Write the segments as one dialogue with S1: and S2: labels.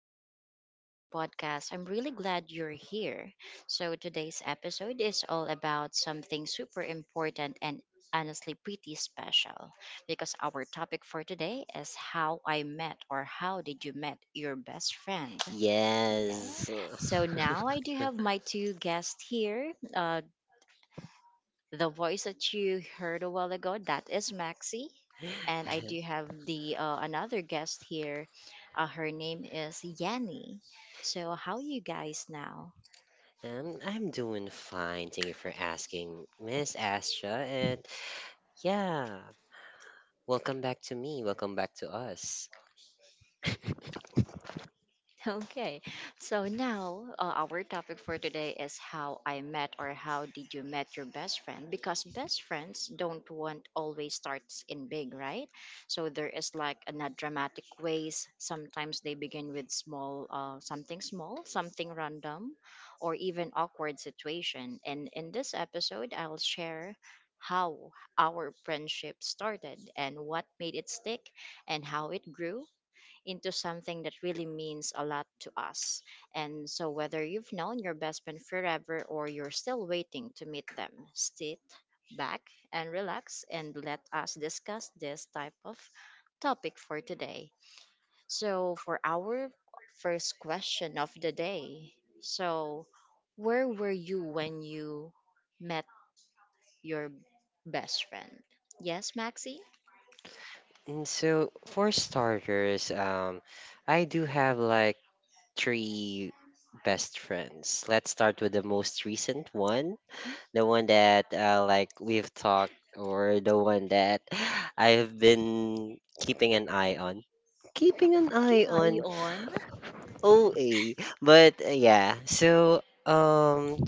S1: Welcome back to our podcast. I'm really glad you're here. So, today's episode is all about something super important and honestly pretty special because our topic for today is how I met or how did you met your best friend.
S2: Yeah.
S3: Yes.
S1: So, now I do have my two guests here. The voice that you heard a while ago, that is Maxi and I do have the another guest here. Her name is Yanni. So how you guys now?
S3: I'm doing fine. Thank you for asking, Miss Astra. And yeah, welcome back to me. Welcome back to us.
S1: Okay, so now our topic for today is how I met or how did you met your best friend? Because best friends don't want always starts in big, right? So there is like a not dramatic ways. Sometimes they begin with small, something small, something random, or even awkward situation. And in this episode, I'll share how our friendship started and what made it stick and how it grew into something that really means a lot to us. And so, whether you've known your best friend forever or you're still waiting to meet them, sit back and relax and let us discuss this type of topic for today. So, for our first question of the day, so where were you when you met your best friend? Yes, Maxie?
S3: And so, for starters, I do have like three best friends. Let's start with the most recent one, the one that like we've talked, or the one that I've been keeping an eye on. Keeping an eye
S1: Yeah, are you
S3: on
S1: on?
S3: OA. But yeah, so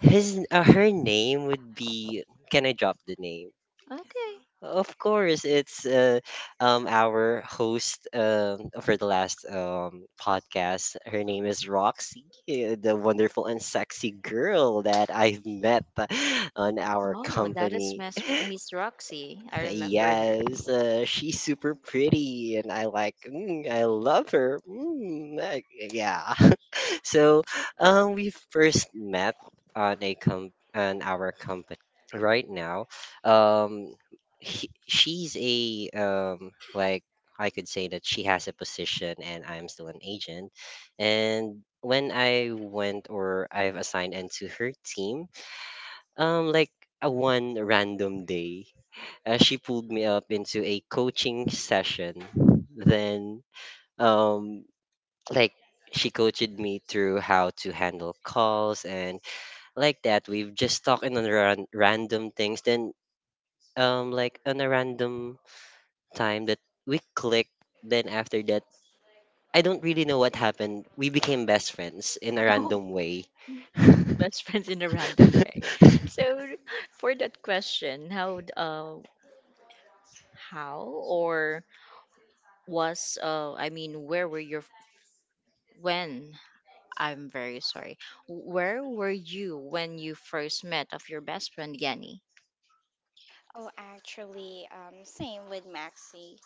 S3: his her name would be, can I drop the name?
S1: Okay.
S3: Of course, it's our host for the last podcast. Her name is Roxy, the wonderful and sexy girl that I've met on our
S1: Oh, that is
S3: company.
S1: Miss Roxy. I remember her.
S3: Yes, she's super pretty, and I like. I love her. Like, yeah. So, we first met on a com on our company right now. Um, she's a like I could say that she has a position and I'm still an agent. And when I went or I've assigned into her team, like a one random day, she pulled me up into a coaching session. Then um like she coached me through how to handle calls and like that we've just talked on random things. Then like on a random time, that we clicked. Then after that, I don't really know what happened. We became best friends in a
S1: Oh,
S3: random way.
S1: best friends in a random way. So, for that question, how or was I mean where were your f- when I'm very sorry. Where were you when you first met of your best friend Yanni?
S2: Oh, actually, same with Maxi.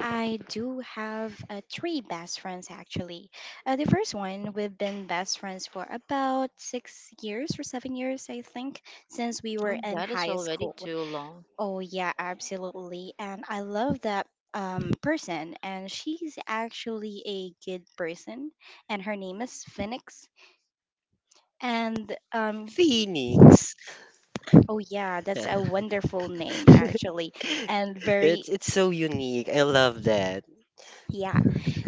S2: I do have three best friends actually. The first one, we've been best friends for about 6 years or 7 years, I think, since we
S1: Oh,
S2: were in
S1: that is
S2: high
S1: already
S2: school.
S1: too long.
S2: Oh, yeah, absolutely. And I love that person, and she's actually a good person, and her name is Phoenix. And
S3: Phoenix.
S2: Oh yeah,
S3: Yeah.
S2: that's a wonderful name actually, and very.
S3: It's so unique, I love that.
S2: Yeah,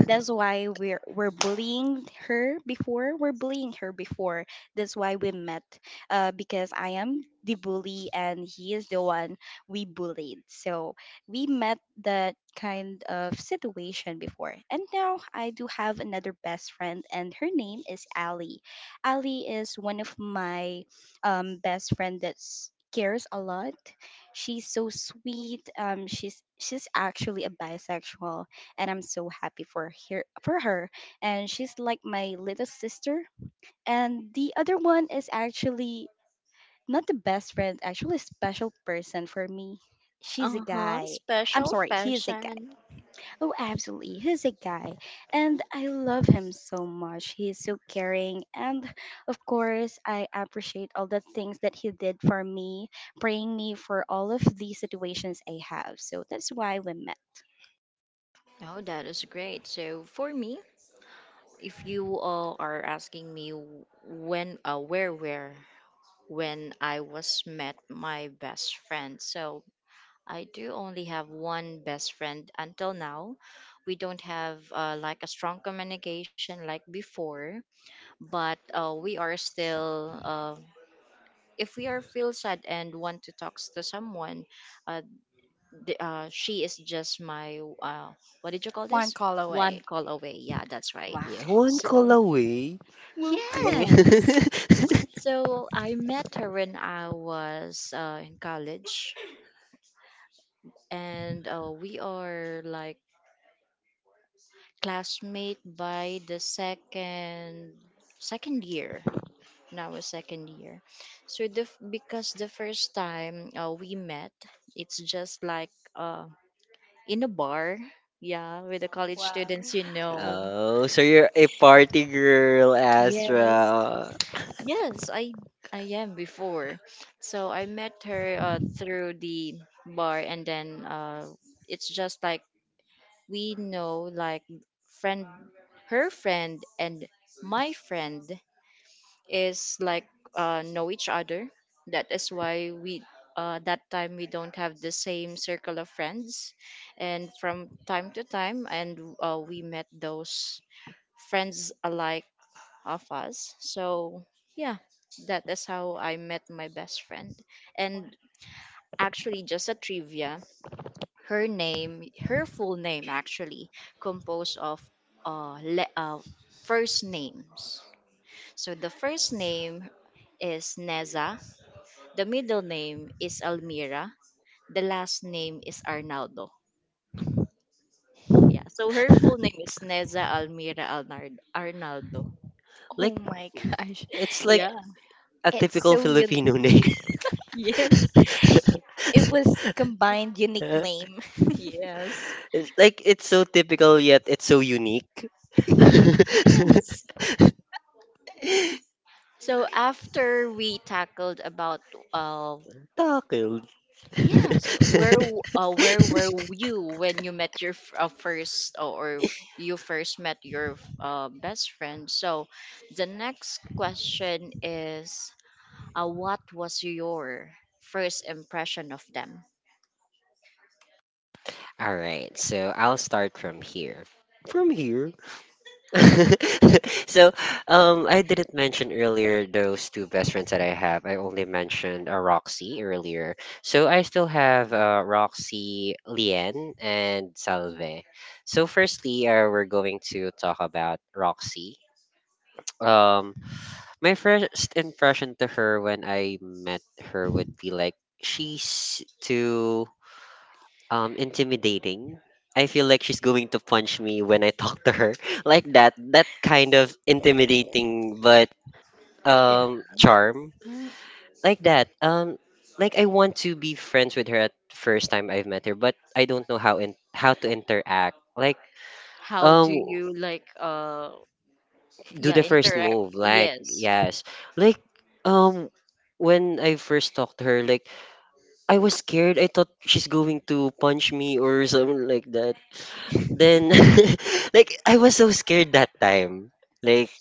S2: that's why we're bullying her before. We're bullying her before. That's why we met. Because I am the bully and he is the one we bullied. So we met that kind of situation before. And now I do have another best friend, and her name is Ali. Ali is one of my best friend that cares a lot. She's so sweet. She's actually a bisexual, and I'm so happy for her. And she's like my little sister. And the other one is actually not the best friend, actually a special person for me. She's a
S1: Uh-huh,
S2: guy. I'm
S1: special
S2: sorry, he is a guy.
S1: fashion.
S2: Oh, absolutely. He's a guy. And I love him so much. He is so caring. And of course, I appreciate all the things that he did for me, praying me for all of the situations I have. So that's why we met.
S1: Oh, that is great. So for me, if you all are asking me when, where, when I was met my best friend, so I do only have one best friend until now. We don't have like a strong communication like before, but we are still. If we are feel sad and want to talk to someone, uh, she is just my what did you call
S2: One
S1: this?
S2: call
S1: One
S2: away.
S1: call away. Yeah, that's right.
S3: Yeah, one
S2: Wow.
S3: call
S1: So.
S3: away.
S2: Woo.
S1: Yes. So I met her when I was in college, and we are like classmate by the second year. Now a second year, so because the first time we met, it's just like in a bar, yeah, with the college
S2: Wow.
S1: students, you know.
S3: Oh, so you're a party girl,
S1: Yes,
S3: Astra.
S1: yes, I am before. So I met her through the bar, and then it's just like we know, like friend, her friend and my friend is like know each other. That is why we that time we don't have the same circle of friends, and from time to time, and we met those friends alike of us. So, yeah, that is how I met my best friend.
S2: Wow.
S1: And actually, just a trivia her name, her full name actually, composed of uh, le- uh, first names. So, the first name is Neza, the middle name is Almira, the last name is Arnaldo. Yeah, so her full name is Neza Almira Arnaldo.
S3: Like
S2: Oh my gosh.
S3: it's like
S2: It,
S1: Yeah,
S3: a
S2: it's
S3: typical
S2: so unique.
S3: Filipino name.
S1: yes,
S2: It was combined unique name.
S1: yes,
S3: It's like it's so typical yet it's so unique.
S1: yes. So after we tackled about uh
S3: Tackled.
S1: yes, where were you when you met you first met your best friend? So the next question is what was your first impression of them?
S3: All right, so I'll start from here. From here. So, I didn't mention earlier those two best friends that I have. I only mentioned Roxy earlier. So I still have Roxy, Lien, and Salve. So firstly, we're going to talk about Roxy. Um, my first impression to her when I met her would be like she's too intimidating. I feel like she's going to punch me when I talk to her. Like that. That kind of intimidating but
S1: Yeah.
S3: charm.
S1: Mm,
S3: Like that. Like I want to be friends with her at first time I've met her, but I don't know how in how to interact. Like
S1: how do
S3: um
S1: you like
S3: do
S1: yeah
S3: the first
S1: interact?
S3: move. Like
S1: Yes.
S3: yes. Like um when I first talked to her, like I was scared. I thought she's going to punch me or something like that. Then like I was so scared that time. Like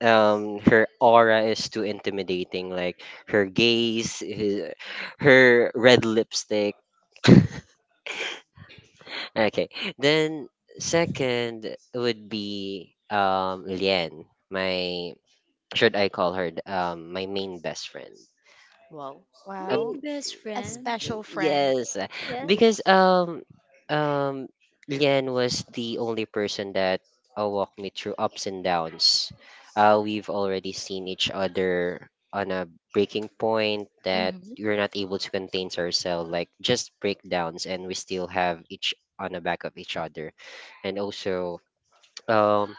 S3: her aura is too intimidating, like her gaze his, her red lipstick, okay. Then second would be Lian, my, should I call her my main best friend.
S1: Wow.
S2: Wow.
S3: Um,
S1: Main best
S2: A
S1: friend.
S2: special
S3: Think-
S2: friend.
S3: Yes, because
S1: Yes.
S3: um Lian was the only person that walked me through ups and downs. We've already seen each other on a breaking point that
S1: Mm-hmm.
S3: we're not able to contain ourselves, like just breakdowns, and we still have each on the back of each other. And also, um,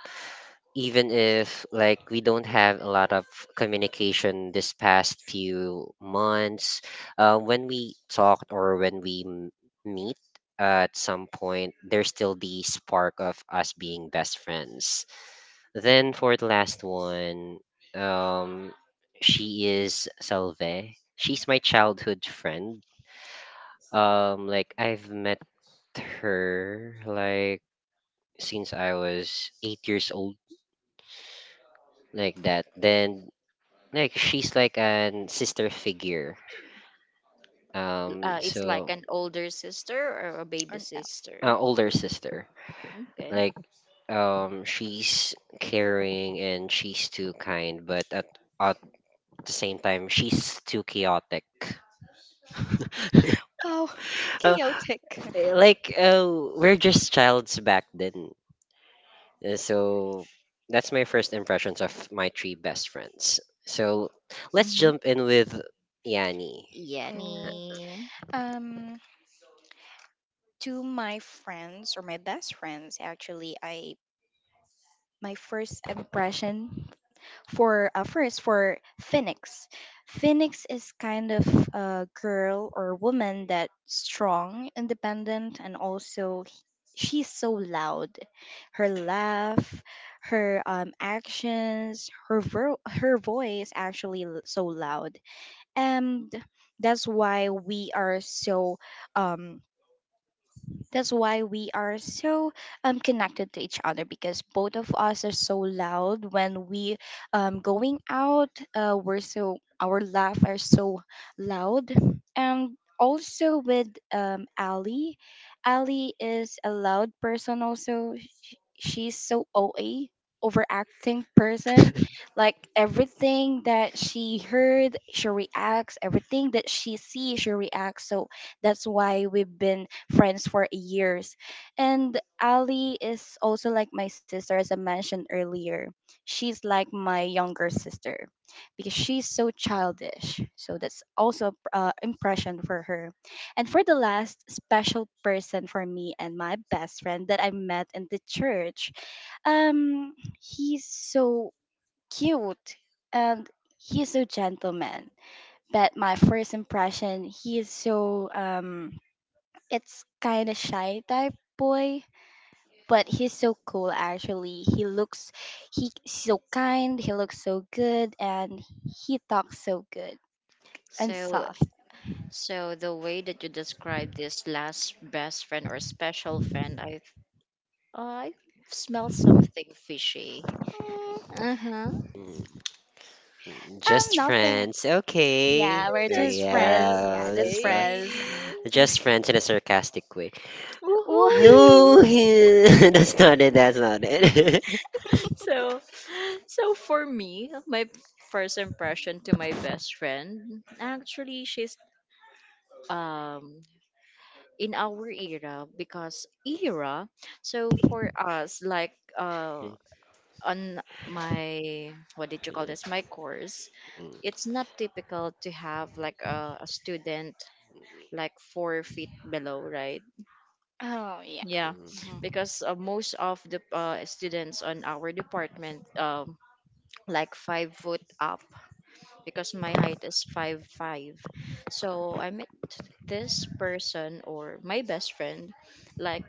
S3: even if like we don't have a lot of communication this past few months, when we talked or when we meet at some point, there's still the spark of us being best friends. Then for the last one, um she is Salve. She's my childhood friend. Like I've met her like since I was 8 years old, like that. Then like she's like an sister figure. um
S1: It's like
S3: so
S1: an older sister or a baby
S2: Or no.
S1: sister.
S3: older sister.
S1: Okay.
S3: Like she's caring and she's too kind but at at the same time she's too chaotic.
S2: Wow.
S3: uh,
S2: Chaotic.
S3: eh, like uh, we're just childs back then. So that's my first impressions of my three best friends. So let's
S1: Mm-hmm.
S3: jump in with Yani.
S2: Oh.
S1: Yanni.
S2: Um to my friends or my best friends actually, I my first impression for first for Phoenix. Phoenix is kind of a girl or woman that's strong, independent, and also she's so loud. Her laugh, her actions, her her voice actually so loud, and that's why um we are so connected to each other because both of us are so loud when we going out. We're so, our laugh are so loud, and also with Ali. Ali is a loud person also. She's so OA, overacting person. Like everything that she heard, she reacts. Everything that she sees, she reacts. So that's why we've been friends for years. And Ali is also like my sister, as I mentioned earlier. She's like my younger sister because she's so childish. So that's also a impression for her. And for the last special person for me and my best friend that I met in the church, um, he's so cute and he's so gentleman. But my first impression, he is so it's kind of shy type boy, but he's so cool actually. He looks, he's so kind. He looks so good, and he talks so good and
S1: So
S2: soft.
S1: so the way that you describe this last best friend or special friend, I smell something fishy.
S2: Mm,
S1: Uh huh.
S3: Just
S2: nothing.
S3: friends, okay.
S2: Yeah, we're
S1: Best
S2: just friends.
S1: friend,
S2: Yeah, just
S3: Yes.
S2: friends.
S1: say,
S3: Just friends in a sarcastic way.
S2: Wha-
S1: woohoo!
S3: No, that's not it, that's not it.
S1: So so for me, my first impression to my best friend, actually, she's um in our era because era. So for us, like on my what did you call this? My course it's not typical to have like a student like 4 feet below right
S2: oh, yeah.
S1: yeah
S2: Mhm.
S1: because most of the students on our department like 5 foot up because my height is 5'5" so I met this person or my best friend like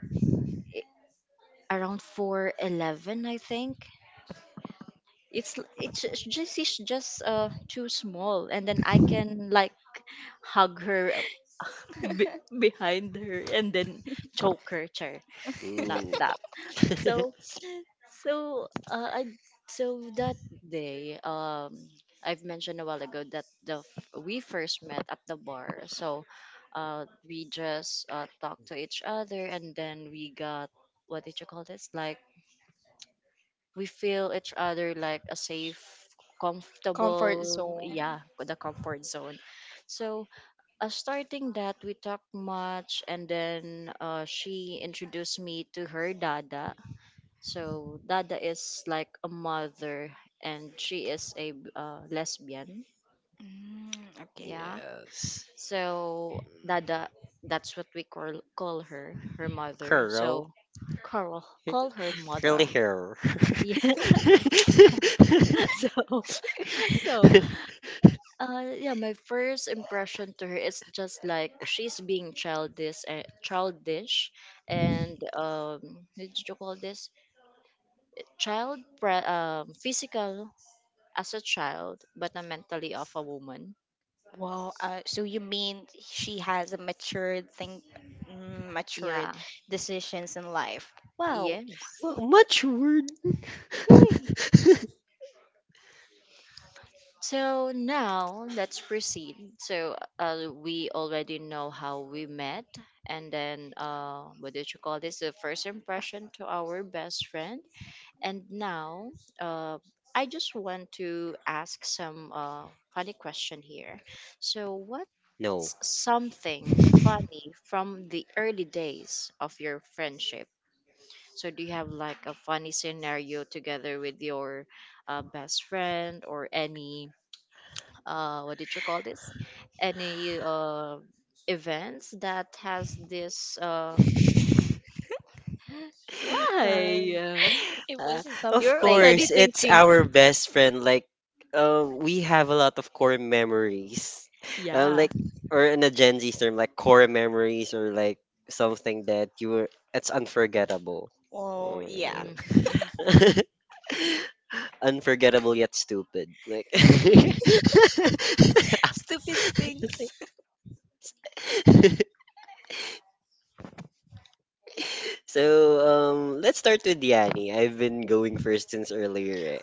S1: i- around 411 I think it's just she's just too small and then I can like hug her behind her and then choke her chair not
S3: Mm.
S1: that so so I so that day I've mentioned a while ago that we first met at the bar so we just talked to each other and then we got what did you call this like we feel each other like a safe
S2: Comfort
S1: comfortable
S2: zone.
S1: yeah the comfort zone so starting that we talked much and then she introduced me to her dada so dada is like a mother and she is lesbian
S2: Mm, okay.
S1: yeah
S3: Yes.
S1: so dada that's what we call her her mother
S3: Curl.
S1: so Carl, call her
S3: Curly
S1: mother.
S3: hair.
S1: Yeah. So, so yeah, my first impression to her is just like she's being childish, and what did you call this? Physical as a child, but not mentally of a woman.
S2: Well, so you mean she has a matured thing, mm, matured
S1: Yeah,
S2: decisions in life. Wow,
S1: yes.
S3: Well, much word.
S1: So now let's proceed. So we already know how we met, and then what did you call this? The first
S2: I
S1: impression to our best friend. And now, uh, I just want to ask some funny question here. So, what's
S3: No.
S1: something funny from the early days of your friendship? So, do you have like a funny scenario together with your best friend or any what did you call this? Any events that has this?
S3: Uh,
S1: Why?
S2: think it was
S3: Uh,
S2: some.
S3: of
S1: You're already
S3: course, it's
S1: thinking.
S3: our best friend. Like, we have a lot of core memories.
S1: Yeah.
S3: Like, or in a Gen Z term, like core memories, or like something that you were. It's unforgettable.
S2: Oh yeah,
S3: Mm.
S1: Hmm.
S3: Unforgettable yet stupid. Like.
S2: stupid things.
S3: So let's start with Yanni. I've been going first since earlier.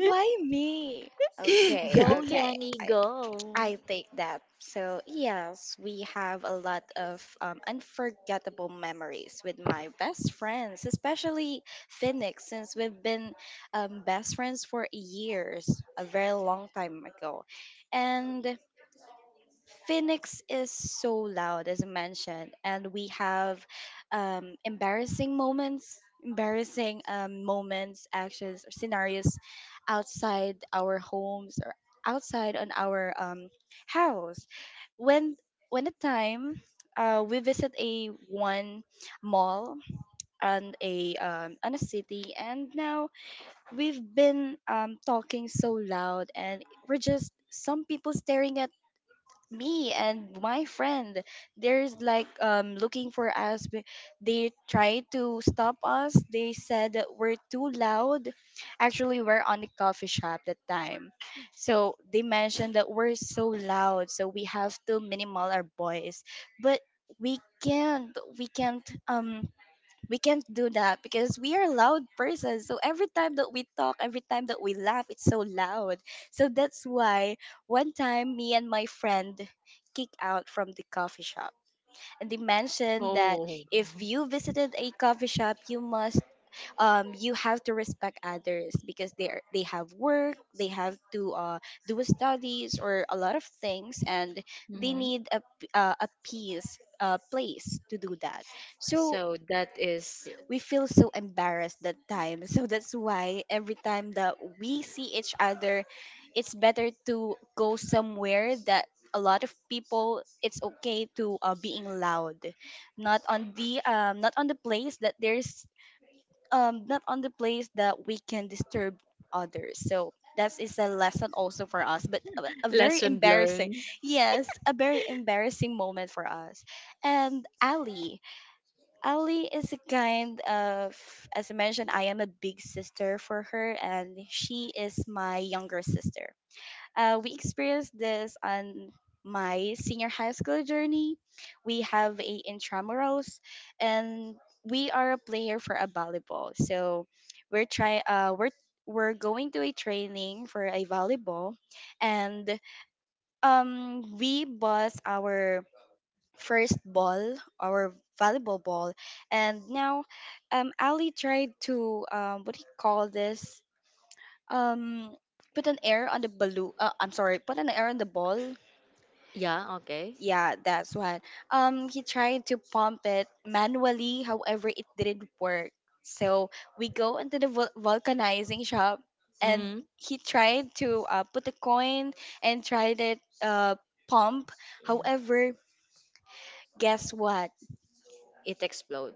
S2: Why me? Okay,
S3: Eh.
S1: Go,
S2: okay.
S1: Yanni,
S2: I
S1: go.
S2: I take that. So, yes, we have a lot of unforgettable memories with my best friends, especially Phoenix, since we've been best friends for years, a very long time ago. And Phoenix is so loud, as I mentioned, and we have um, embarrassing moments, embarrassing moments, actions, or scenarios outside our homes or outside on our house. When when a time we visit a one mall and a city, and now we've been talking so loud, and we're just some people staring at me and my friend. There's like looking for us, but they tried to stop us. They said that we're too loud. Actually, we're on the coffee shop that time, so they mentioned that we're so loud, so we have to minimal our voice. But we can't we can't um we can't do that because we are loud persons. So every time that we talk, every time that we laugh, it's so loud. So that's why one time me and my friend kicked out from the coffee shop. And they mentioned that
S1: Oh.
S2: if you visited a coffee shop, you must you have to respect others because they have work, they have to do studies or a lot of things, and they
S1: Hmm.
S2: need a a peace place to do that. So
S1: So that is
S2: we feel so embarrassed that time. So that's why every time that we see each other, it's better to go somewhere that a lot of people it's okay to being loud. Not on the place that there's not on the place that we can disturb others. So that is a lesson also for us, but a very
S1: lesson
S2: embarrassing
S1: learned.
S2: yes, a very embarrassing moment for us. And Ali is a kind of, as I mentioned, I am a big sister for her, and she is my younger sister. We experienced this on my senior high school journey. We have a intramurals, and we are a player for a volleyball. So we're try we're going to a training for a volleyball, and we bought our first ball, our volleyball ball, and now Ali tried to what do you call this? Um, put an air on the balloon. I'm sorry, put an air on the ball.
S1: Yeah, okay.
S2: Yeah, that's what. He tried to pump it manually. However, it didn't work. So we go into the vulcanizing shop, and he tried to put a coin and tried it pump.
S1: Yeah.
S2: However, guess what?
S1: It explode.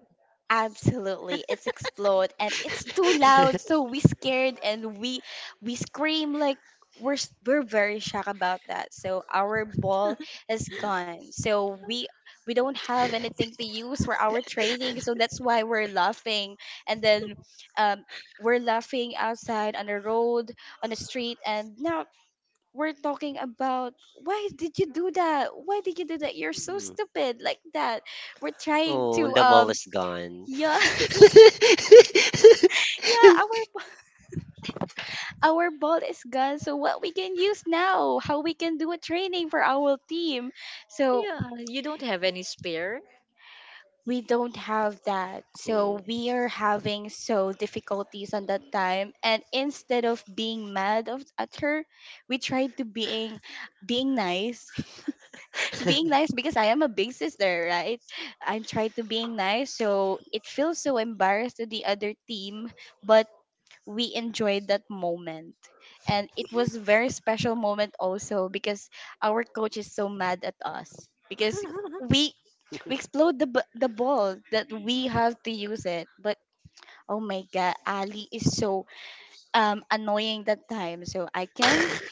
S2: Absolutely. It's explode and it's too loud, so we scared, and we scream like we're very shocked about that. So our ball is gone. So we don't have anything to use for our training. So that's why we're laughing. And then um we're laughing outside on the road, on the street, and now we're talking about, why did you do that? Why did you do that? You're so
S3: Mm.
S2: stupid like that. We're trying
S3: Oh,
S2: to
S3: the ball is gone.
S2: Yeah. Yeah, our our ball is gone. So what we can use now, how we can do a training for our team. So
S1: Yeah, you don't have any spare.
S2: we don't have that. So
S3: Mm.
S2: we are having so difficulties on that time. And instead of being mad of at her, we tried to being nice. Being nice because I am a big sister, right? I tried to being nice. So it feels so embarrassed to the other team, but we enjoyed that moment, and it was very special moment also because our coach is so mad at us because we we explode the ball that we have to use it. But oh my god, Ali is so annoying that time, so I can't.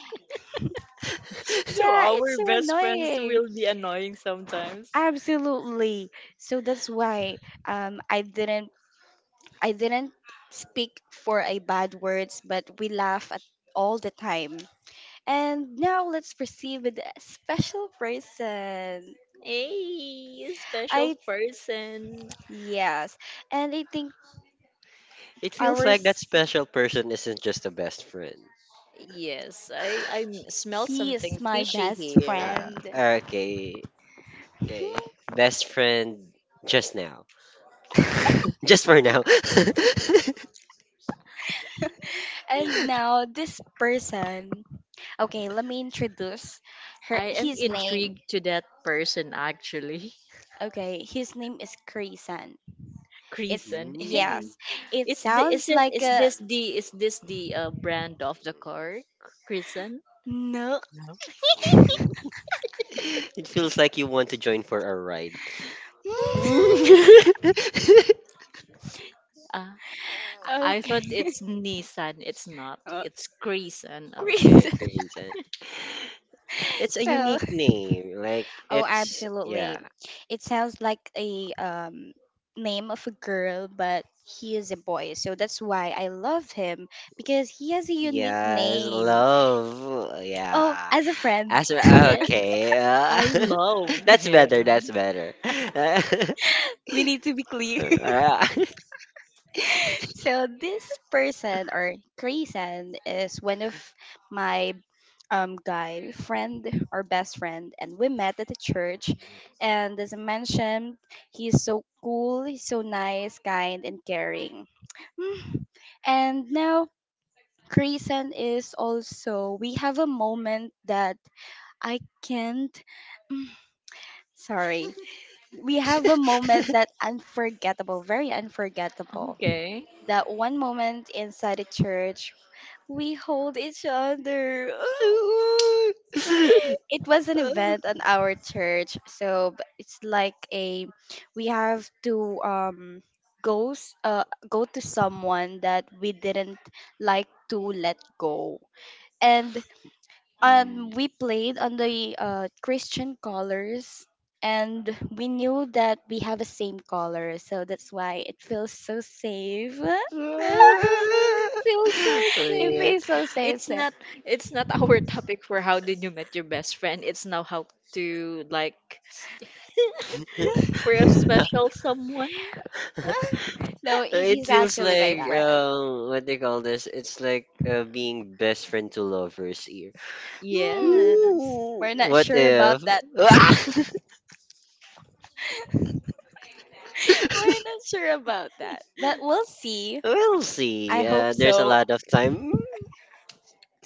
S1: So
S2: Yeah, it's
S1: our
S2: so
S1: best friends
S2: annoying,
S1: will be annoying sometimes.
S2: absolutely. So that's why um i didn't I didn't speak for a bad words, but we laugh at all the time. And now let's proceed with a special person.
S1: Hey, special
S2: I
S1: person.
S2: Yes, and I think
S3: It feels like that
S2: ours,
S3: special person isn't just a best friend.
S1: Yes, smell
S2: he
S1: something
S2: is my
S1: fishy
S2: best
S1: here.
S3: Uh,
S2: friend.
S3: okay, okay.
S2: Hmm.
S3: Best friend just now. Just for now.
S2: And now this person. Okay, let me introduce her
S1: I am
S2: his name.
S1: intrigued to that person actually.
S2: Okay, his name is Krisan. It's
S1: Creason. Hey,
S3: Mm.
S2: yes. It
S1: Is the is
S2: sounds
S1: it
S2: like a
S1: is this the brand of the car, Krisan?
S2: no.
S3: It feels like you want to join for a ride. And
S1: Ah, I thought
S2: Okay.
S1: it's Nissan. It's not. It's Krisan.
S2: Great.
S1: Okay.
S3: crazy. It's a
S2: So,
S3: unique name. Like
S2: oh,
S3: it's
S2: absolutely.
S3: yeah.
S2: It sounds like a name of a girl, but he is a boy. So that's why I love him because he has a unique
S3: Yes,
S2: name.
S3: love.
S2: Oh,
S3: Yeah.
S2: as a friend,
S3: As
S1: Yes,
S3: okay.
S1: I loved
S3: That's better. That's
S1: him.
S3: better.
S2: we need to be clear. So this person or Grayson is one of my guy friend or best friend, and we met at the church. And as I mentioned, he's so cool, he's so nice, kind and caring. Mm. And now Grayson is also, we have a moment that I can't, mm, sorry. We have a moment that unforgettable, very unforgettable,
S1: Okay.
S2: that
S3: Uh,
S2: one moment inside the church we hold each other. It was an
S3: Uh,
S2: event at our church, so it's like a, we have to go s- uh go to someone that we didn't like to let go, and we played on the Christian colors. And we knew that we have the same color, so that's why it feels so safe.
S1: Uh-huh.
S3: oh my
S1: Feels so
S2: It
S3: God.
S1: safe.
S2: feels so safe.
S1: It's
S2: So.
S1: not it's not our topic for how did you met your best friend. It's now how to like for a special someone.
S2: No,
S3: It
S2: he's
S3: feels
S2: actually my
S3: like
S1: Yeah.
S2: friend.
S3: what they call this? It's like being best friend to lovers here.
S2: Hmm,
S1: Yes.
S3: Ooh,
S2: we're not
S3: what
S2: sure about
S3: if?
S2: that. We're not sure about that. But we'll see.
S3: We'll
S2: I
S3: see.
S2: hope
S3: There's a
S2: so.
S3: lot of time.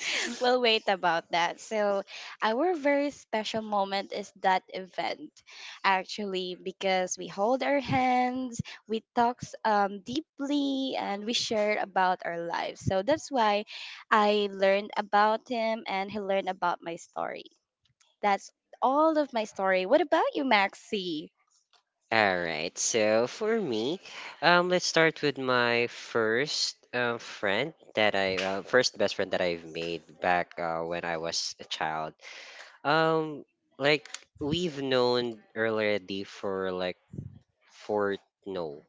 S2: We'll wait about that. So, our very special moment is that event, actually, because we hold our hands, we talk deeply, and we share about our lives. So, that's why I learned about him and he learned about my story. That's all of my story. What about you, Maxi?
S3: All right. So for me, let's start with my first friend that I first best friend that I've made back when I was a child. Um, like we've known already for like four no,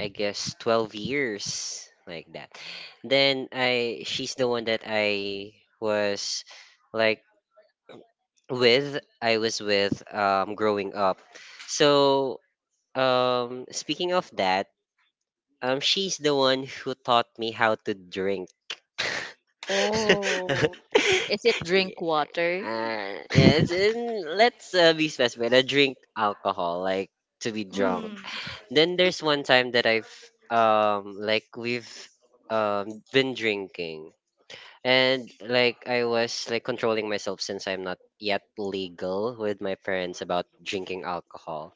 S3: I guess 12 years like that. Then I she's the one that I was like with, I was with growing up. So speaking of that, she's the one who taught me how to drink.
S2: Oh.
S1: Is it drink
S3: Yeah,
S1: water?
S3: yeah, let's be specific. I drink alcohol, like to be drunk.
S1: Hmm.
S3: Then there's one time that I've like we've been drinking, and like I was like controlling myself since I'm not yet legal with my parents about drinking alcohol.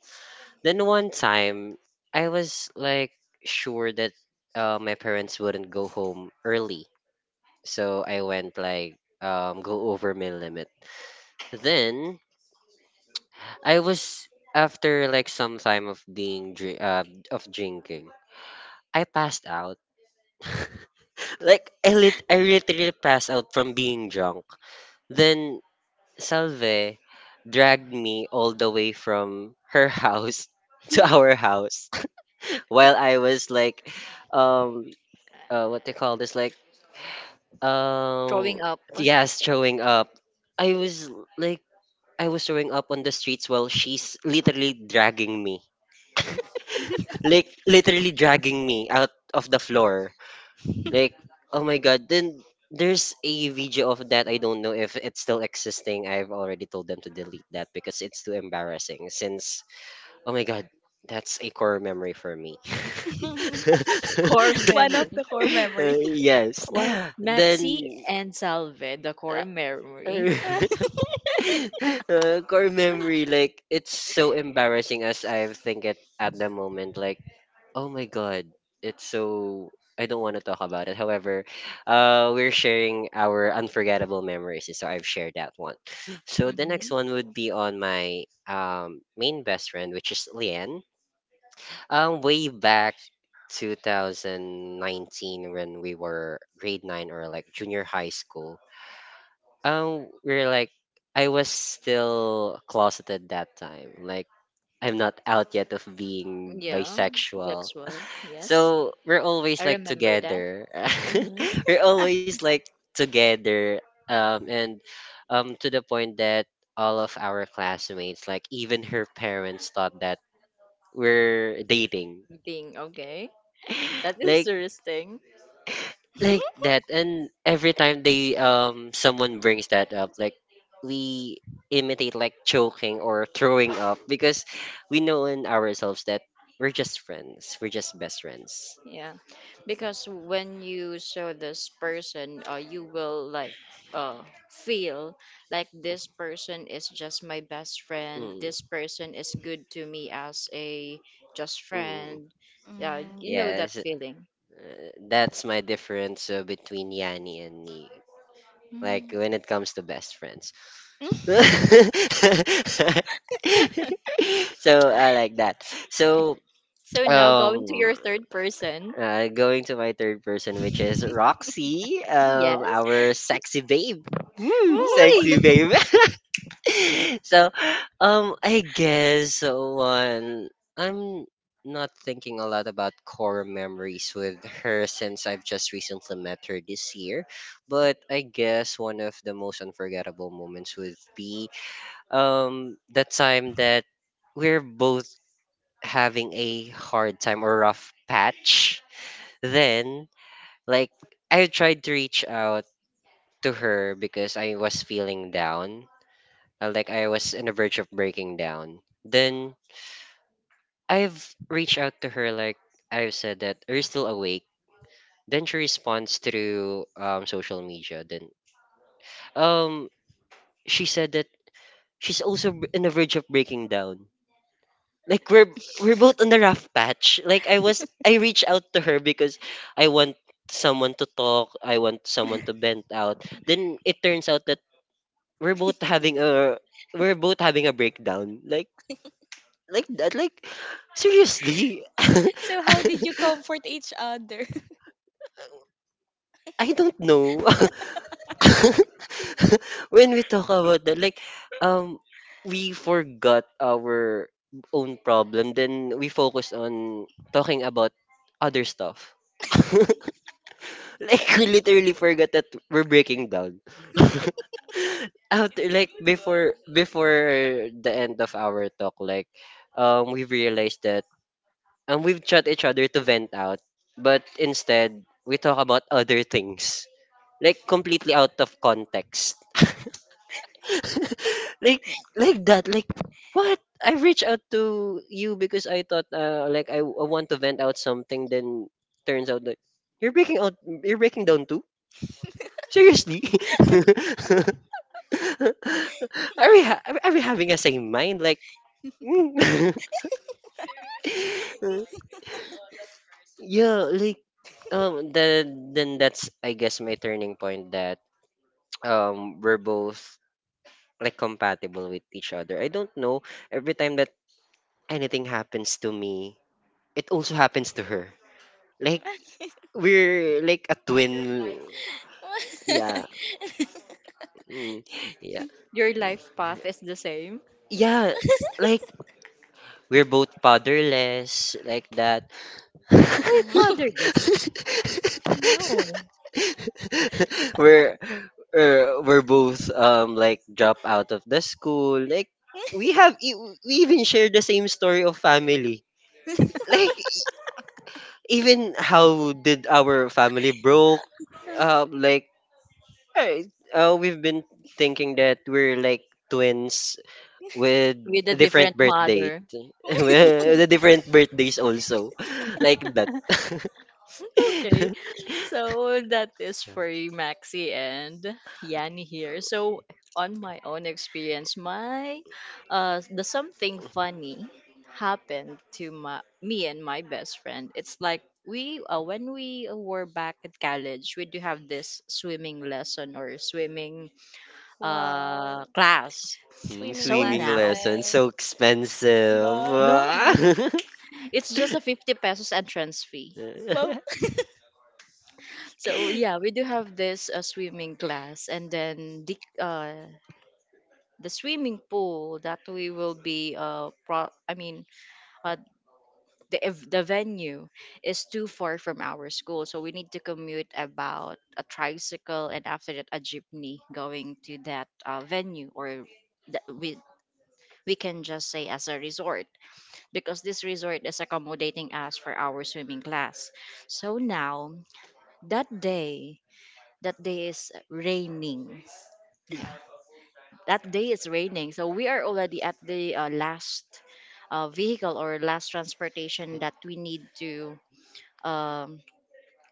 S3: Then one time, I was like sure that my parents wouldn't go home early, so I went like go over my limit. Then I was after like some time of of drinking, I passed out. Like I literally passed out from being drunk. Then Salve dragged me all the way from her house to our house while I was like um what they call this, like
S1: Growing
S3: um
S1: up.
S3: yes, showing up. Like I was showing up on the streets while she's literally dragging me, like literally dragging me out of the floor. Like oh my God. Then there's a video of that, I don't know if it's still existing. I've already told them to delete that because it's too embarrassing, since oh my God, that's a core memory for me.
S1: core
S2: One of
S1: memory.
S2: the core memory.
S3: Yes,
S1: What? Maxi
S3: then
S1: and Salve, the core memory.
S3: uh, core memory, like it's so embarrassing as I think it at the moment. Like, oh my God, it's so, I don't want to talk about it. However, we're sharing our unforgettable memories, so I've shared that one. So the next one
S1: Hmm.
S3: would be on my main best friend, which is Lian. Way back 2019 when we were grade nine or like junior high school, we're like, I was still closeted that time. Like, I'm not out yet of being
S1: Yeah,
S3: bisexual.
S1: Vexwell. Yes,
S3: So we're
S1: I
S3: always like
S1: remember that.
S3: together.
S1: Hmm.
S3: We're always like together. And to the point that all of our classmates, like even her parents, thought that we're dating.
S1: Being okay. That is
S3: like
S1: interesting.
S3: like that. And every time they someone brings that up, like we imitate like choking or throwing up because we know in ourselves that we're just best friends.
S1: Yeah, because when you show this person, you will like uh feel like this person is just my best friend.
S3: Mm,
S1: This person is good to me as a just
S3: mm.
S1: friend. Yeah,
S2: Mm.
S1: you know that
S3: Yes,
S1: feeling.
S3: that's my difference between Yanni and me, like when it comes to best friends.
S2: Mm.
S3: So I like that. So
S1: So now going to
S3: um
S1: your third person.
S3: going to my third person, which is Roxy,
S1: Yes.
S3: our sexy babe. Hmm,
S1: Uy!
S3: sexy babe. So I guess one, I'm not thinking a lot about core memories with her since I've just recently met her this year. But I guess one of the most unforgettable moments would be the time that we're both having a hard time or rough patch. Then like I tried to reach out to her because I was feeling down. Like I was on the verge of breaking down. Then I've reached out to her, like I've said that, are you still awake? Then she responds through social media. Then um she said that she's also on the verge of breaking down. like we're we're both on the rough patch. Like I reached out to her because I want someone to talk, I want someone to vent out. Then it turns out that we're both having a we're both having a breakdown. Like that, like, seriously.
S2: So how did you comfort each other?
S3: I don't know. When we talk about that, like, um, we forgot our own problem, then we focus on talking about other stuff. Like, we literally forgot that we're breaking down. After, like, before the end of our talk, like, we realized that, we've shut each other to vent out, but instead, we talk about other things. Like, completely out of context. like like that. What I reached out to you because I thought like I want to vent out something, then turns out like you're breaking out, you're breaking down too, seriously. Are we having a same mind, like mm? Yeah, like the, then that's, I guess, my turning point that we're both like compatible with each other, I don't know. Every time that anything happens to me, it also happens to her. Like, we're like a twin. Yeah. Mm, yeah.
S1: Your life path is the same.
S3: Yeah. Like, we're both fatherless like that.
S1: Uy, fatherless. No.
S3: We're we're both, like, drop out of the school. Like, we have e- we even share the same story of family. Like, even how did our family broke up, like. Right. We've been thinking that we're like twins with
S1: With a
S3: a different
S1: different
S3: birth date,
S1: mother.
S3: with the different birthdays also, like that.
S1: Okay, so that is for Maxi and Yanni here. So on my own experience, my the something funny happened to my me and my best friend. It's like we when we were back at college, we do have this swimming lesson or swimming
S2: Wow.
S1: class.
S3: Mm,
S2: Sweet.
S1: So
S3: swimming
S1: now,
S3: lessons so expensive.
S2: Wow.
S1: no, it's just a 50 pesos entrance fee.
S2: Wow.
S1: So yeah, we do have this swimming class, and then the swimming pool that we will be I mean uh the the venue is too far from our school, so we need to commute about a tricycle and after that a jeepney going to that venue or that we can just say as a resort because this resort is accommodating us for our swimming class. So now that day is raining yeah that day it's raining so we are already at the last vehicle or last transportation that we need to um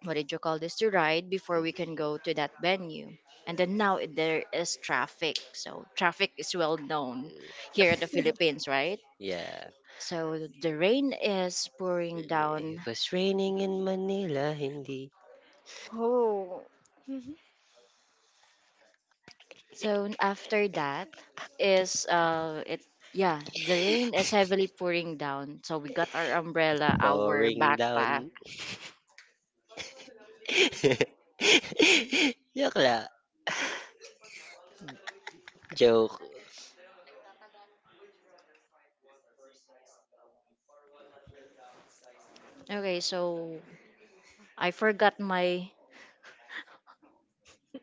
S1: what did you call this to ride before we can go to that venue and then now there is traffic so traffic is well known here in the Philippines right
S3: Yeah.
S1: so the rain is pouring down
S3: It was raining in Manila, hindi
S2: Oh.
S1: so after that is it yeah the rain is heavily pouring down so we got our umbrella our
S3: pouring
S1: backpack.
S3: down. Joke la. Joke.
S1: Okay, so I forgot my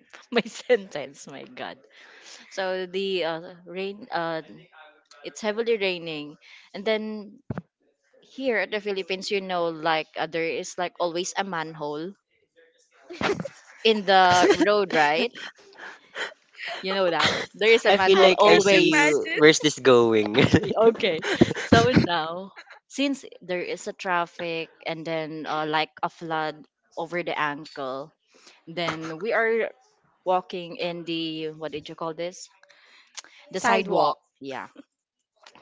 S1: my sentence. My God. So the rain. It's heavily raining, and then here at the Philippines, you know, like there is like always a manhole in the road, right? You know that there is a
S3: I feel
S1: manhole
S2: I
S3: like I
S2: can't
S3: see
S1: always.
S3: you.
S2: imagine.
S3: Where's this going?
S1: Okay, so now since there is a traffic and then like a flood over the ankle, then we are walking in the what did you call this? The
S2: Sidewalk.
S1: sidewalk. Yeah,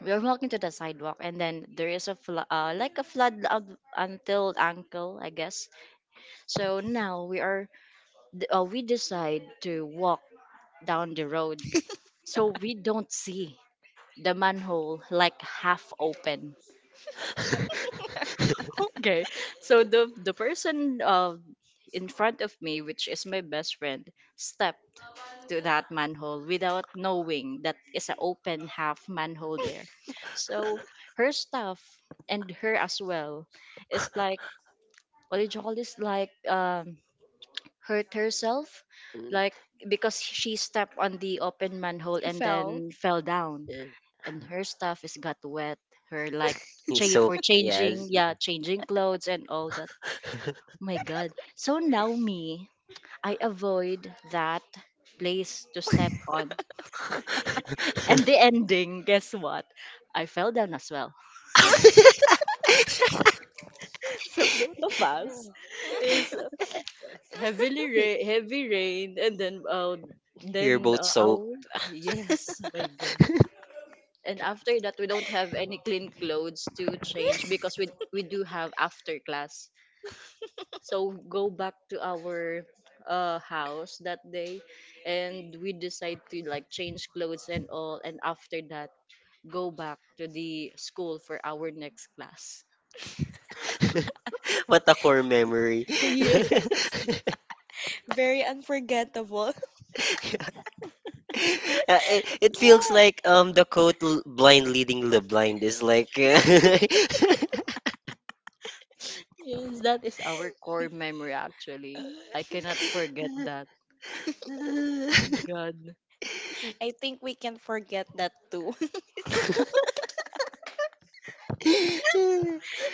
S1: we are walking to the sidewalk, and then there is like a flood up until ankle, I guess. So now we are we decide to walk down the road, so we don't see the manhole like half open. Okay, so the person in front of me, which is my best friend, step to that manhole without knowing that is an open half manhole there. So her stuff and her as well is like what do you call this? Hurt herself,
S3: Mm,
S1: like because she stepped on the open manhole and
S2: Fell.
S1: then fell down,
S3: yeah.
S1: and her stuff is got wet. Her like
S3: He's so yes.
S1: changing clothes and all that. Oh my God. So now me, I avoid that place to step on. And the ending, guess what? I fell down as well. So both of us is heavy rain and then
S3: You're both soaked.
S1: our yes, oh my god. And after that we don't have any clean clothes to change because we do have after class. So go back to our house that day and we decide to like change clothes and all, and after that go back to the school for our next class.
S3: What a core memory.
S1: Yes.
S2: Very unforgettable.
S3: It, it feels
S1: Yeah.
S3: like the quote "L- blind leading the blind" is like
S1: Yes, that is our core memory actually. I cannot forget that. My God.
S2: I think we can forget that too. It's-
S3: uh,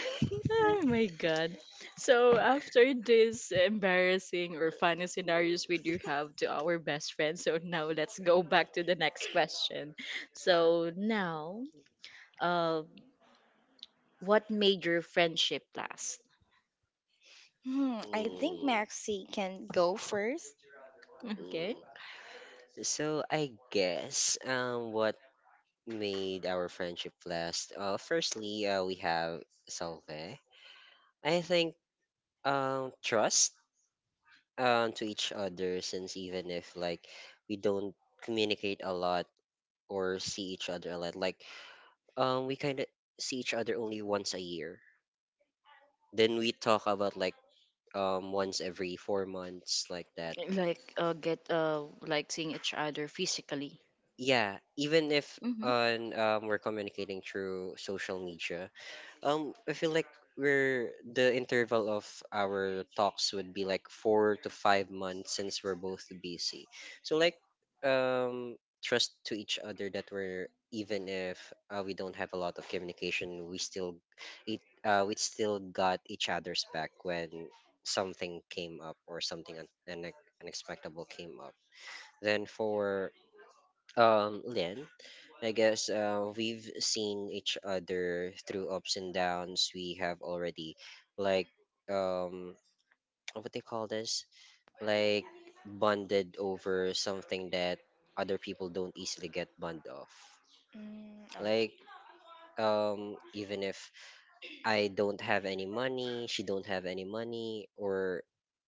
S1: Oh my God. So after this embarrassing or funny scenarios we do have to our best friend, so now let's go back to the next question. So now, uh, what made your friendship last?
S2: I think
S3: Mm,
S2: Maxi can go first.
S1: Okay.
S3: mm. So I guess what made our friendship last? Firstly, we have Salve. I think trust to each other, since even if, like, we don't communicate a lot or see each other a lot, like, we kind of see each other only once a year. Then we talk about, like, once every four months, like that.
S1: Like get like seeing each other physically.
S3: Yeah, even if
S1: Mm-hmm.
S3: on we're communicating through social media, I feel like we're the interval of our talks would be like four to five months, since we're both busy. So like, um trust to each other, that we're, even if we don't have a lot of communication, we still, it we still got each other's back when something came up or something unexpected came up. Then for Lynn. I guess we've seen each other through ups and downs. We have already, like, um, what they call this? Like, bonded over something that other people don't easily get bond of.
S2: Mm,
S3: Like,
S2: okay.
S3: even if I don't have any money, she don't have any money, or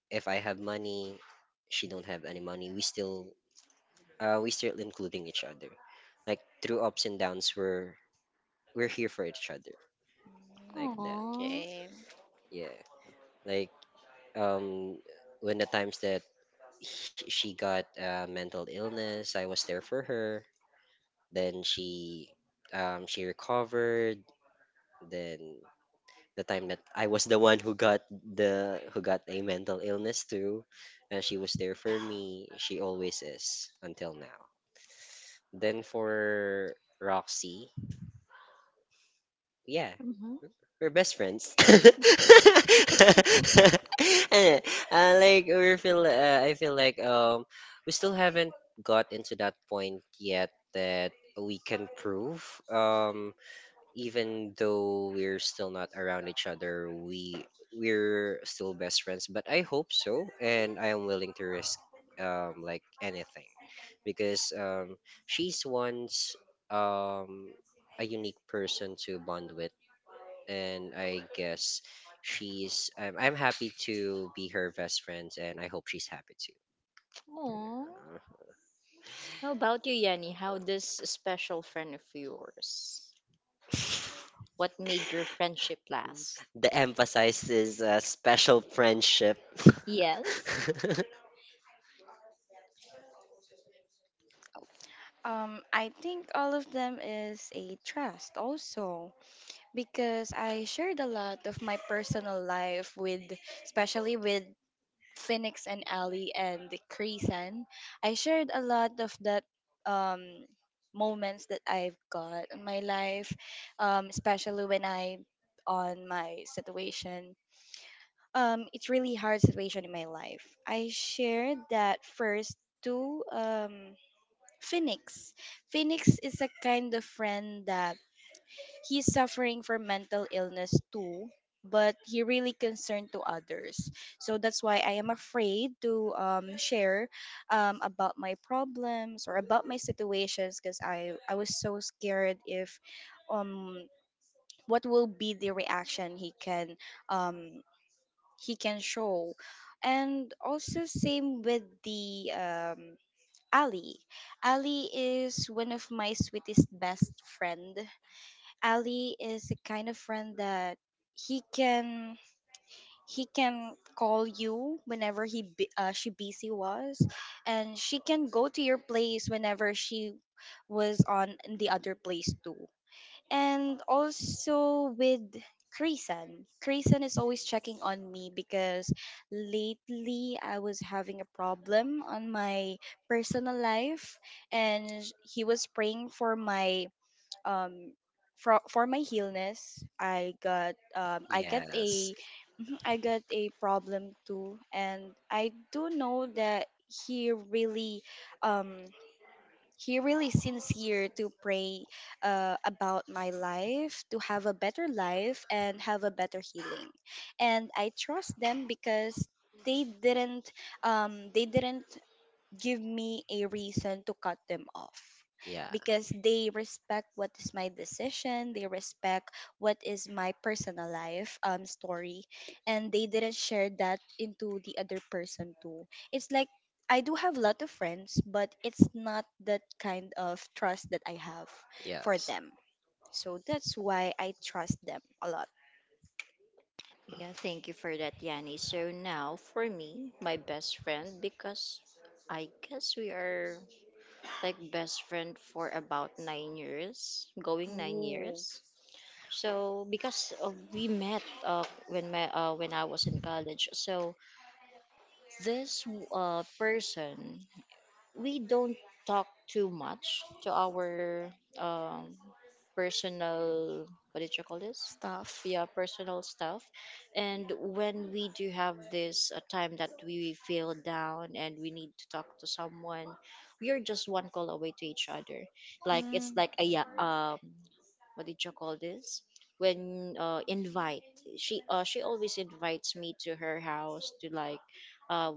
S3: if I have money, she don't have any money. We still including each other. Like, through ups and downs, we're here for each other. Like
S2: Mm,
S3: that.
S1: Aww.
S2: okay.
S3: Yeah, like, um, when the times that she got mental illness, I was there for her. Then she recovered. Then the time that I was the one who got the, who got a mental illness too, and she was there for me. She always is until now. Then for Roxy, yeah,
S1: Mm-hmm.
S3: we're best friends. Uh, like we feel, I feel like we still haven't got into that point yet that we can prove even though we're still not around each other, we're still best friends. But I hope so, and I am willing to risk like anything, because she's once um a unique person to bond with, and I guess she's. I'm happy to be her best friend, and I hope she's happy too.
S1: How about you, Yanni? How does a special friend of yours? What made your friendship last?
S3: The emphasis is special friendship.
S1: Yes.
S2: I think all of them is a trust also because I shared a lot of my personal life with, especially with Phoenix and Ali and Creason. I shared a lot of that um, moments that I've got in my life, especially when I on my situation. It's really hard situation in my life. I shared that first two. Phoenix. Phoenix is a kind of friend that he's suffering from mental illness too, but he really concerned to others. So that's why I am afraid to share about my problems or about my situations because I was so scared if um what will be the reaction um he can show, and also same with the Ali. Ali is one of my sweetest best friend. Ali is the kind of friend that he can he can call you whenever she busy was, and she can go to your place whenever she was on the other place too, and also with Krisan. Krisan is always checking on me because lately I was having a problem on my personal life, and he was praying for my um for my illness. I got
S3: Yes.
S2: a mhm, I got a problem too, and I do know that um he really sincere to pray about my life to have a better life and have a better healing, and I trust them because they didn't they didn't give me a reason to cut them off
S3: Yeah.
S2: because they respect what is my decision, they respect what is my personal life story, and they didn't share that into the other person too. It's like I do have a lot of friends, but it's not that kind of trust that I have for
S3: Yes.
S2: them, so that's why I trust them a lot.
S1: Yeah, thank you for that, Yanni. So now for me, my best friend, because I guess we are like best friend for about 9 years, going 9 years. So because we met when my when I was in college, so this person we don't talk too much to our um, personal what did you call this?
S2: Stuff.
S1: Yeah, personal stuff. And when we do have this a time that we feel down and we need to talk to someone, we are just one call away to each other. Like it's
S2: Mm,
S1: like a
S2: yeah.
S1: what did you call this? When invite, she she always invites me to her house to like uh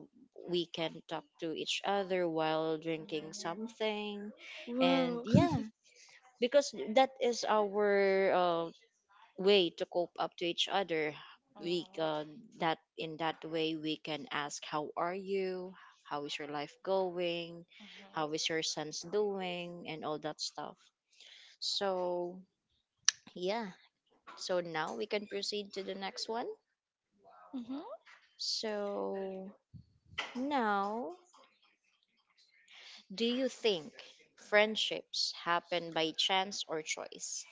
S1: we can talk to each other while drinking something. And
S2: Wow.
S1: yeah, because that is our way to cope up to each other. We that in that way we can ask, how are you? How is your life going? How is your son's doing and all that stuff? So yeah, so now we can proceed to the next one. So now, do you think friendships happen by chance or choice?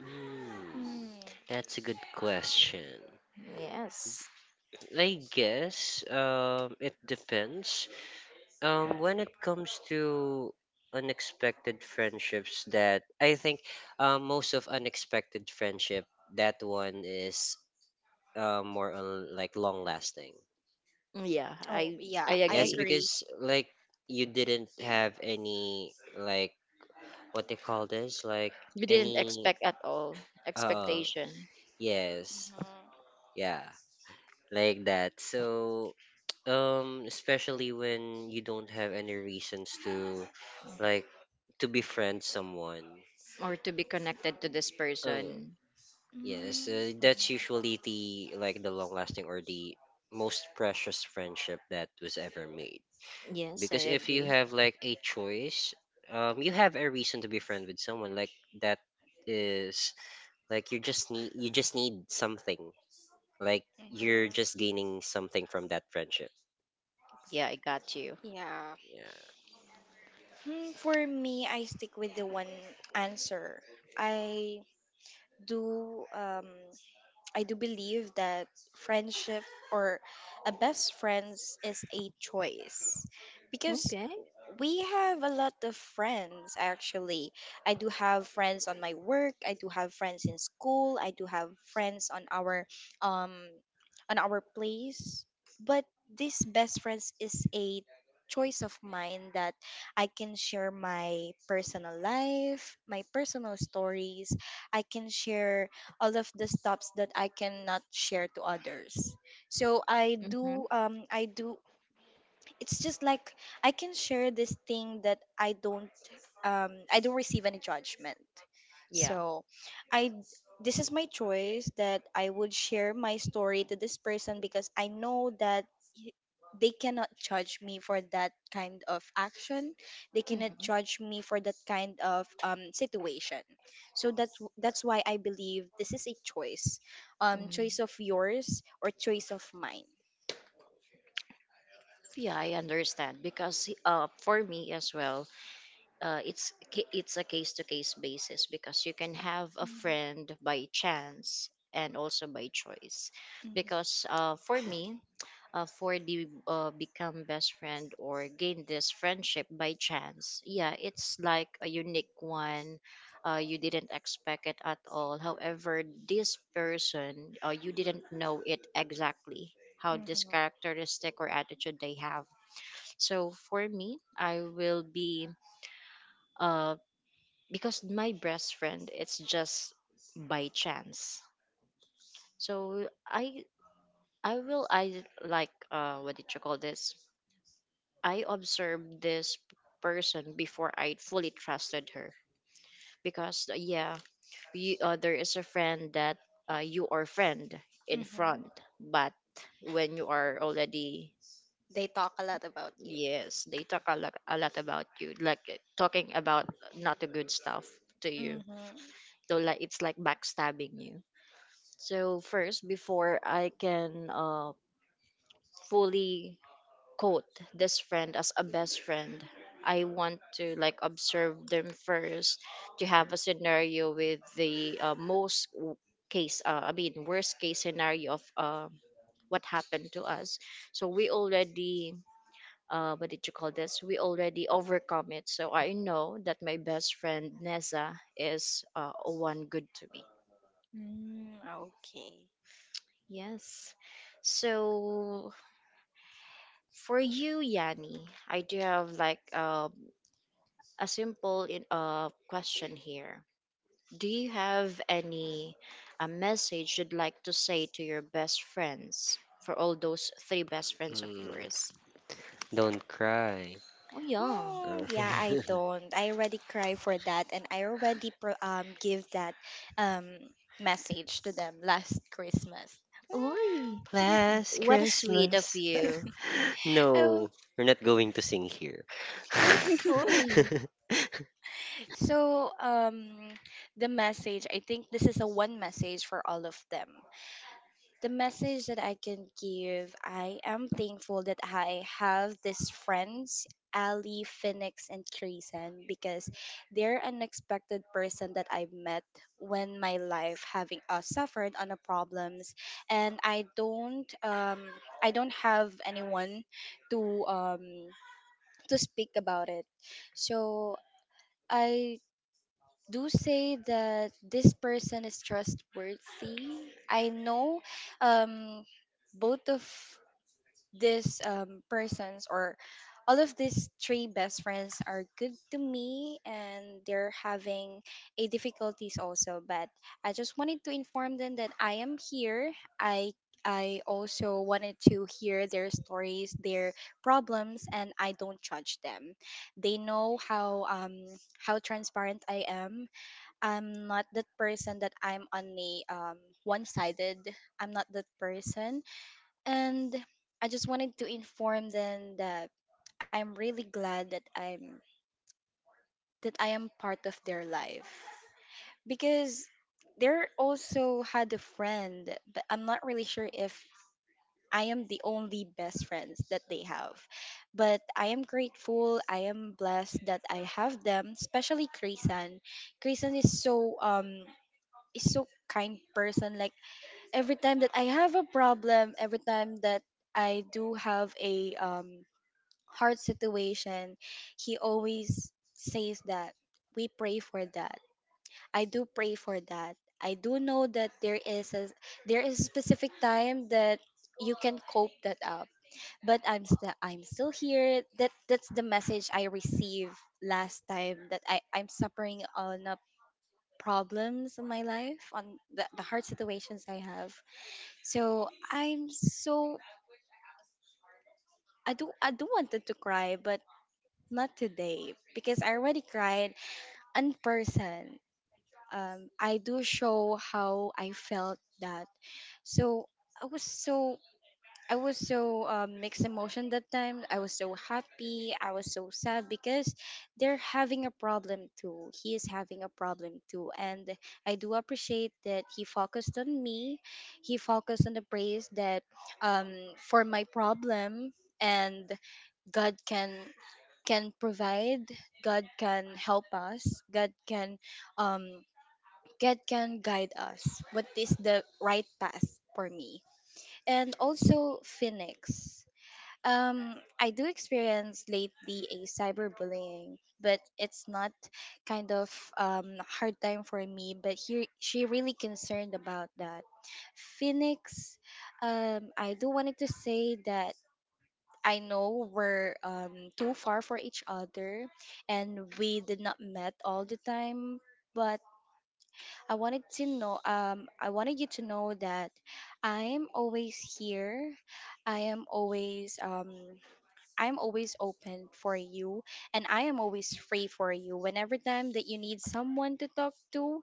S3: Hmm.
S2: Mhm.
S3: That's a good question.
S1: Yes.
S3: I guess it depends. When it comes to unexpected friendships, that I think most of unexpected friendship, that one is more on like long lasting.
S1: Yeah,
S2: Oh,
S1: I
S2: yeah,
S1: I
S2: I
S3: Yes,
S1: agree.
S2: agree.
S3: because, like, you didn't have any like what they call this like
S1: We didn't
S3: any
S1: expect at all
S3: uh,
S1: expectation
S3: yes, yeah, like that. So um, especially when you don't have any reasons to, like, to befriend someone.
S1: or to be connected to this
S3: Uh,
S1: person.
S3: yes,
S2: Mm-hmm.
S3: that's usually the, like, the long lasting or the most precious friendship that was ever made.
S1: Yes,
S3: Because
S1: I
S3: if you
S1: agree.
S3: have like a choice, you have a reason to be friend with someone like that is like, you just need something, like, you're just gaining
S2: hmm
S3: something from that friendship.
S1: Yeah, I got you.
S2: yeah. For me, I stick with the one answer. I do um I do believe that friendship or a best friends is a choice. Because
S1: Okay.
S2: we have a lot of friends actually. I do have friends on my work, I do have friends in school, I do have friends um on our place. But this best friends is a choice of mine that I can share my personal life, my personal stories. I can share all of the stops that I cannot share to others.
S1: Mm-hmm.
S2: I do it's just like I can share this thing that I don't receive any judgment.
S1: Yeah.
S2: So I this is my choice that I would share my story to this person because I know that y- they cannot judge me for that kind of action. They cannot
S1: Mhm.
S2: judge me for that kind of situation. So that's why I believe this is a choice.
S1: Mm.
S2: Choice of yours or choice of mine.
S1: Yeah, I understand because for me as well, it's a case to case basis because you can have a
S2: Mhm. Mhm.
S1: friend by chance and also by choice. Because for me, for the become best friend or gain this friendship by chance. Yeah, it's like a unique one. You didn't expect it at all. However, this person, you didn't know it exactly how this characteristic or attitude they have. So for me, I will be uh because my best friend, it's just by chance. So I like what did you call this? I observed this person before I fully trusted her because yeah, there is a friend that you are friend in
S2: Mhm.
S1: front, but when you are already
S2: They talk a lot about you.
S1: yes, they talk a lot about you, like talking about not a good stuff to you.
S2: Mhm.
S1: So like it's like backstabbing you. So first, before I can fully quote this friend as a best friend. I want to like observe them first to have a scenario with the most worst case scenario of what happened to us. So we already, what did you call this? We already overcome it. So I know that my best friend Neza is one good to me.
S2: Mm, okay.
S1: Yes. So for you, Yanni, I do have like a simple question here. Do you have any a message you'd like to say to your best friends for all those three best
S3: Yeah.
S1: friends of
S3: Mm,
S1: yours?
S3: don't cry.
S1: Oh yeah.
S2: Oh yeah, I
S3: Uh,
S2: don't. I already cry for that, and I already give that um message to them last Christmas.
S1: Oy,
S3: last
S1: what a sweet of
S3: Christmas.
S1: you.
S2: Oh.
S3: No, we're not going to sing here.
S1: Oy,
S2: So the message, I think this is a one message for all of them. The message that I can give, I am thankful that I have these friends, Ali, Phoenix, and Treason, because they're an unexpected person that I met when my life having suffered on a problems, and I don't have anyone to um to speak about it, so. I do say that this person is trustworthy. I know um, both of these persons or all of these three best friends are good to me, and they're having a difficulties also, but I just wanted to inform them that I am here. i I also wanted to hear their stories, their problems, and I don't judge them. They know how transparent I am. I'm not that person that I'm on a one-sided. I'm not that person, and I just wanted to inform them that I'm really glad that I'm that I am part of their life because they're also had a friend, but I'm not really sure if I am the only best friends that they have. But I am grateful. I am blessed that I have them, especially Krisan. Krisan is so um is so kind person. Like every time that I have a problem, every time that I do have a hard situation, he always says that we pray for that. I do pray for that. I do know that there is a specific time that you can cope that up. But I'm still here. That's the message I received last time that I'm suffering on problems in my life on the hard situations I have, so I'm so, I do, I do wanted to cry, but not today because I already cried in person. I do show how I felt that. So i was so I was so mixed emotion that time. I was so happy. I was so sad because they're having a problem too. He is having a problem too, and I do appreciate that he focused on me. He focused on the praise that for my problem, and God can provide. God can help us. God can um, God can guide us. What is the right path for me? And also Phoenix. I do experience lately a cyberbullying, but it's not kind of hard time for me. But here, she really concerned about that. Phoenix, I do wanted to say that I know we're too far for each other, and we did not met all the time. But I wanted to know, I wanted you to know that I am always here. I am always um I'm always open for you, and I am always free for you. Whenever time that you need someone to talk to,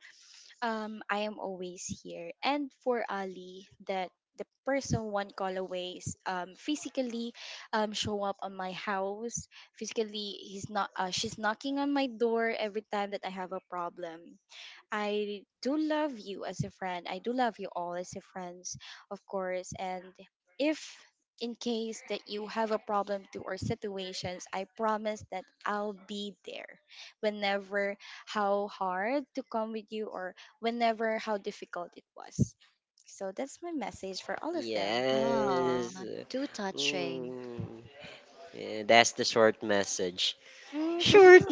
S2: I am always here. And for Ali, that the person one call away is, physically show up on my house physically. He's not She's knocking on my door every time that I have a problem. I do love you as a friend. I do love you all as a friends, of course. And if in case that you have a problem to or situations, I promise that I'll be there whenever how hard to come with you, or whenever how difficult it was. So that's my message for all of them.
S3: Yes.
S1: ah, too touching.
S3: Mm. Yeah, that's the short message.
S2: Mm.
S3: Short.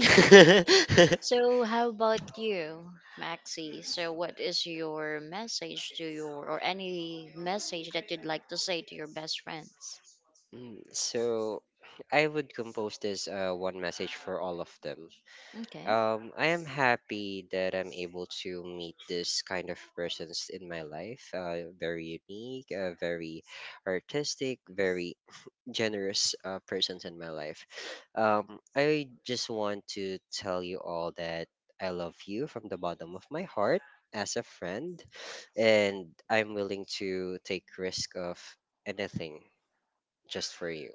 S1: So how about you, Maxi? So what is your message to your or any message that you'd like to say to your best friends?
S3: Mm, so, I would compose this one message for all of them.
S1: Okay.
S3: I am happy that I'm able to meet this kind of persons in my life. Very unique, very artistic, very generous persons in my life. I just want to tell you all that I love you from the bottom of my heart as a friend, and I'm willing to take risk of anything just for you.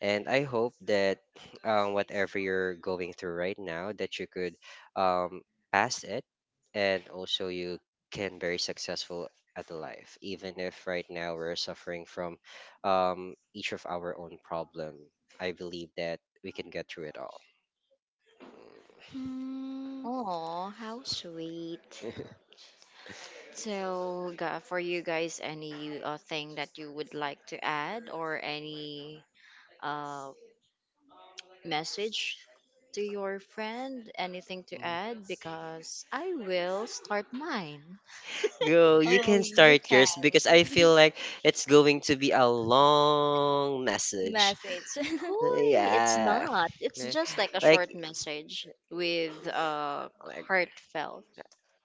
S3: And I hope that whatever you're going through right now, that you could um, pass it, and also you can very successful at life, even if right now we're suffering from each of our own problem. I believe that we can get through it all.
S2: Mm.
S1: Oh, how sweet. So, for you guys, any thing that you would like to add or any uh, message to your friend? Anything to add? Because I will start mine.
S3: Go, you
S2: Oh,
S3: can
S2: you
S3: start
S2: can.
S3: yours because I feel like it's going to be a long message.
S2: Message.
S1: Hoy, it's
S3: Yeah.
S1: not. It's just like a
S3: Like
S1: short message with
S3: like
S1: heartfelt.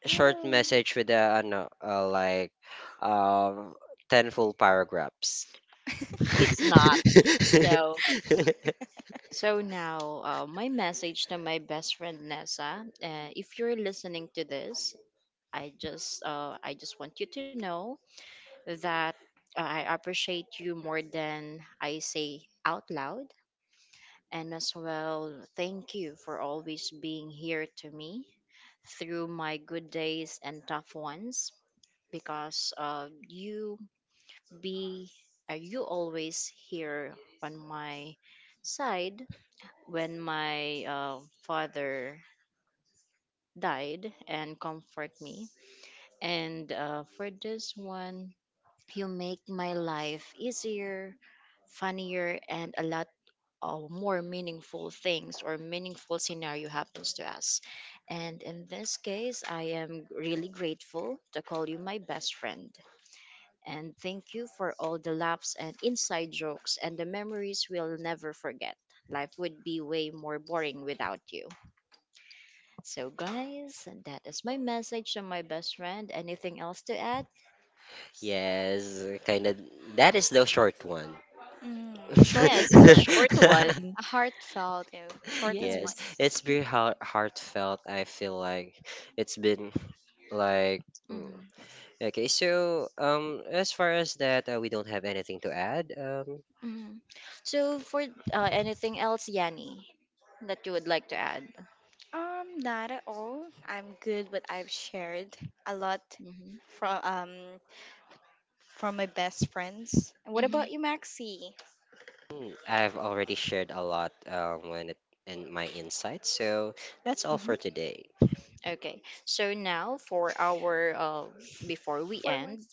S3: short message with a ano, like um 10 full paragraphs.
S1: It's not. So, so now my message to my best friend Nessa. If you're listening to this, I just want you to know that I appreciate you more than I say out loud. And as well, thank you for always being here to me through my good days and tough ones because be you always here on my side when my father died and comfort me, and for this one, you make my life easier, funnier, and a lot of more meaningful things or meaningful scenario happens to us. And in this case, I am really grateful to call you my best friend. And thank you for all the laughs and inside jokes and the memories we'll never forget. Life would be way more boring without you. So, guys, that is my message to my best friend. Anything else to add?
S3: Yes, kind of that is the short one.
S2: Mm,
S1: Yes,
S2: shortest
S1: it's a
S2: one.
S1: short
S2: A
S1: one.
S2: heartfelt, you know, shortest one.
S3: Yes,
S1: Yes.
S3: it's very heartfelt. I feel like it's been like mm.
S1: Hmm.
S3: Okay. So as far as that, we don't have anything to add.
S1: Hmm. So for anything else, Yanni, that you would like to add?
S2: Not at all. I'm good, but I've shared a lot
S1: Hmm.
S2: from um from my best friends. And what
S1: Hmm.
S2: about you, Maxi?
S3: Mm, I've already shared a lot when it, in my insights, so that's all
S1: Hmm.
S3: for today.
S1: Okay. So now for our before we end.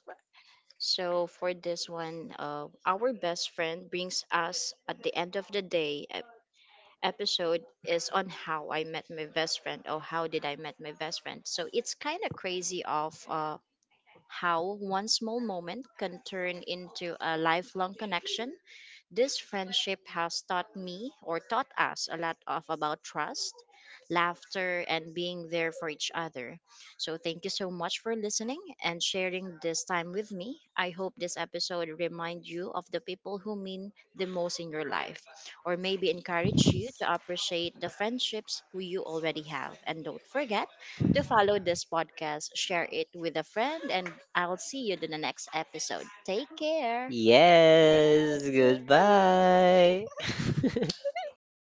S1: So for this one, our best friend brings us at the end of the day. Episode is on how I met my best friend, or how did I met my best friend. So it's kind of crazy of how one small moment can turn into a lifelong connection. This friendship has taught me or taught us a lot of about trust, laughter, and being there for each other. So thank you so much for listening and sharing this time with me. I hope this episode remind you of the people who mean the most in your life, or maybe encourage you to appreciate the friendships who you already have. And don't forget to follow this podcast, share it with a friend, and I'll see you in the next episode. Take care.
S3: Yes,
S2: Yes.
S3: goodbye.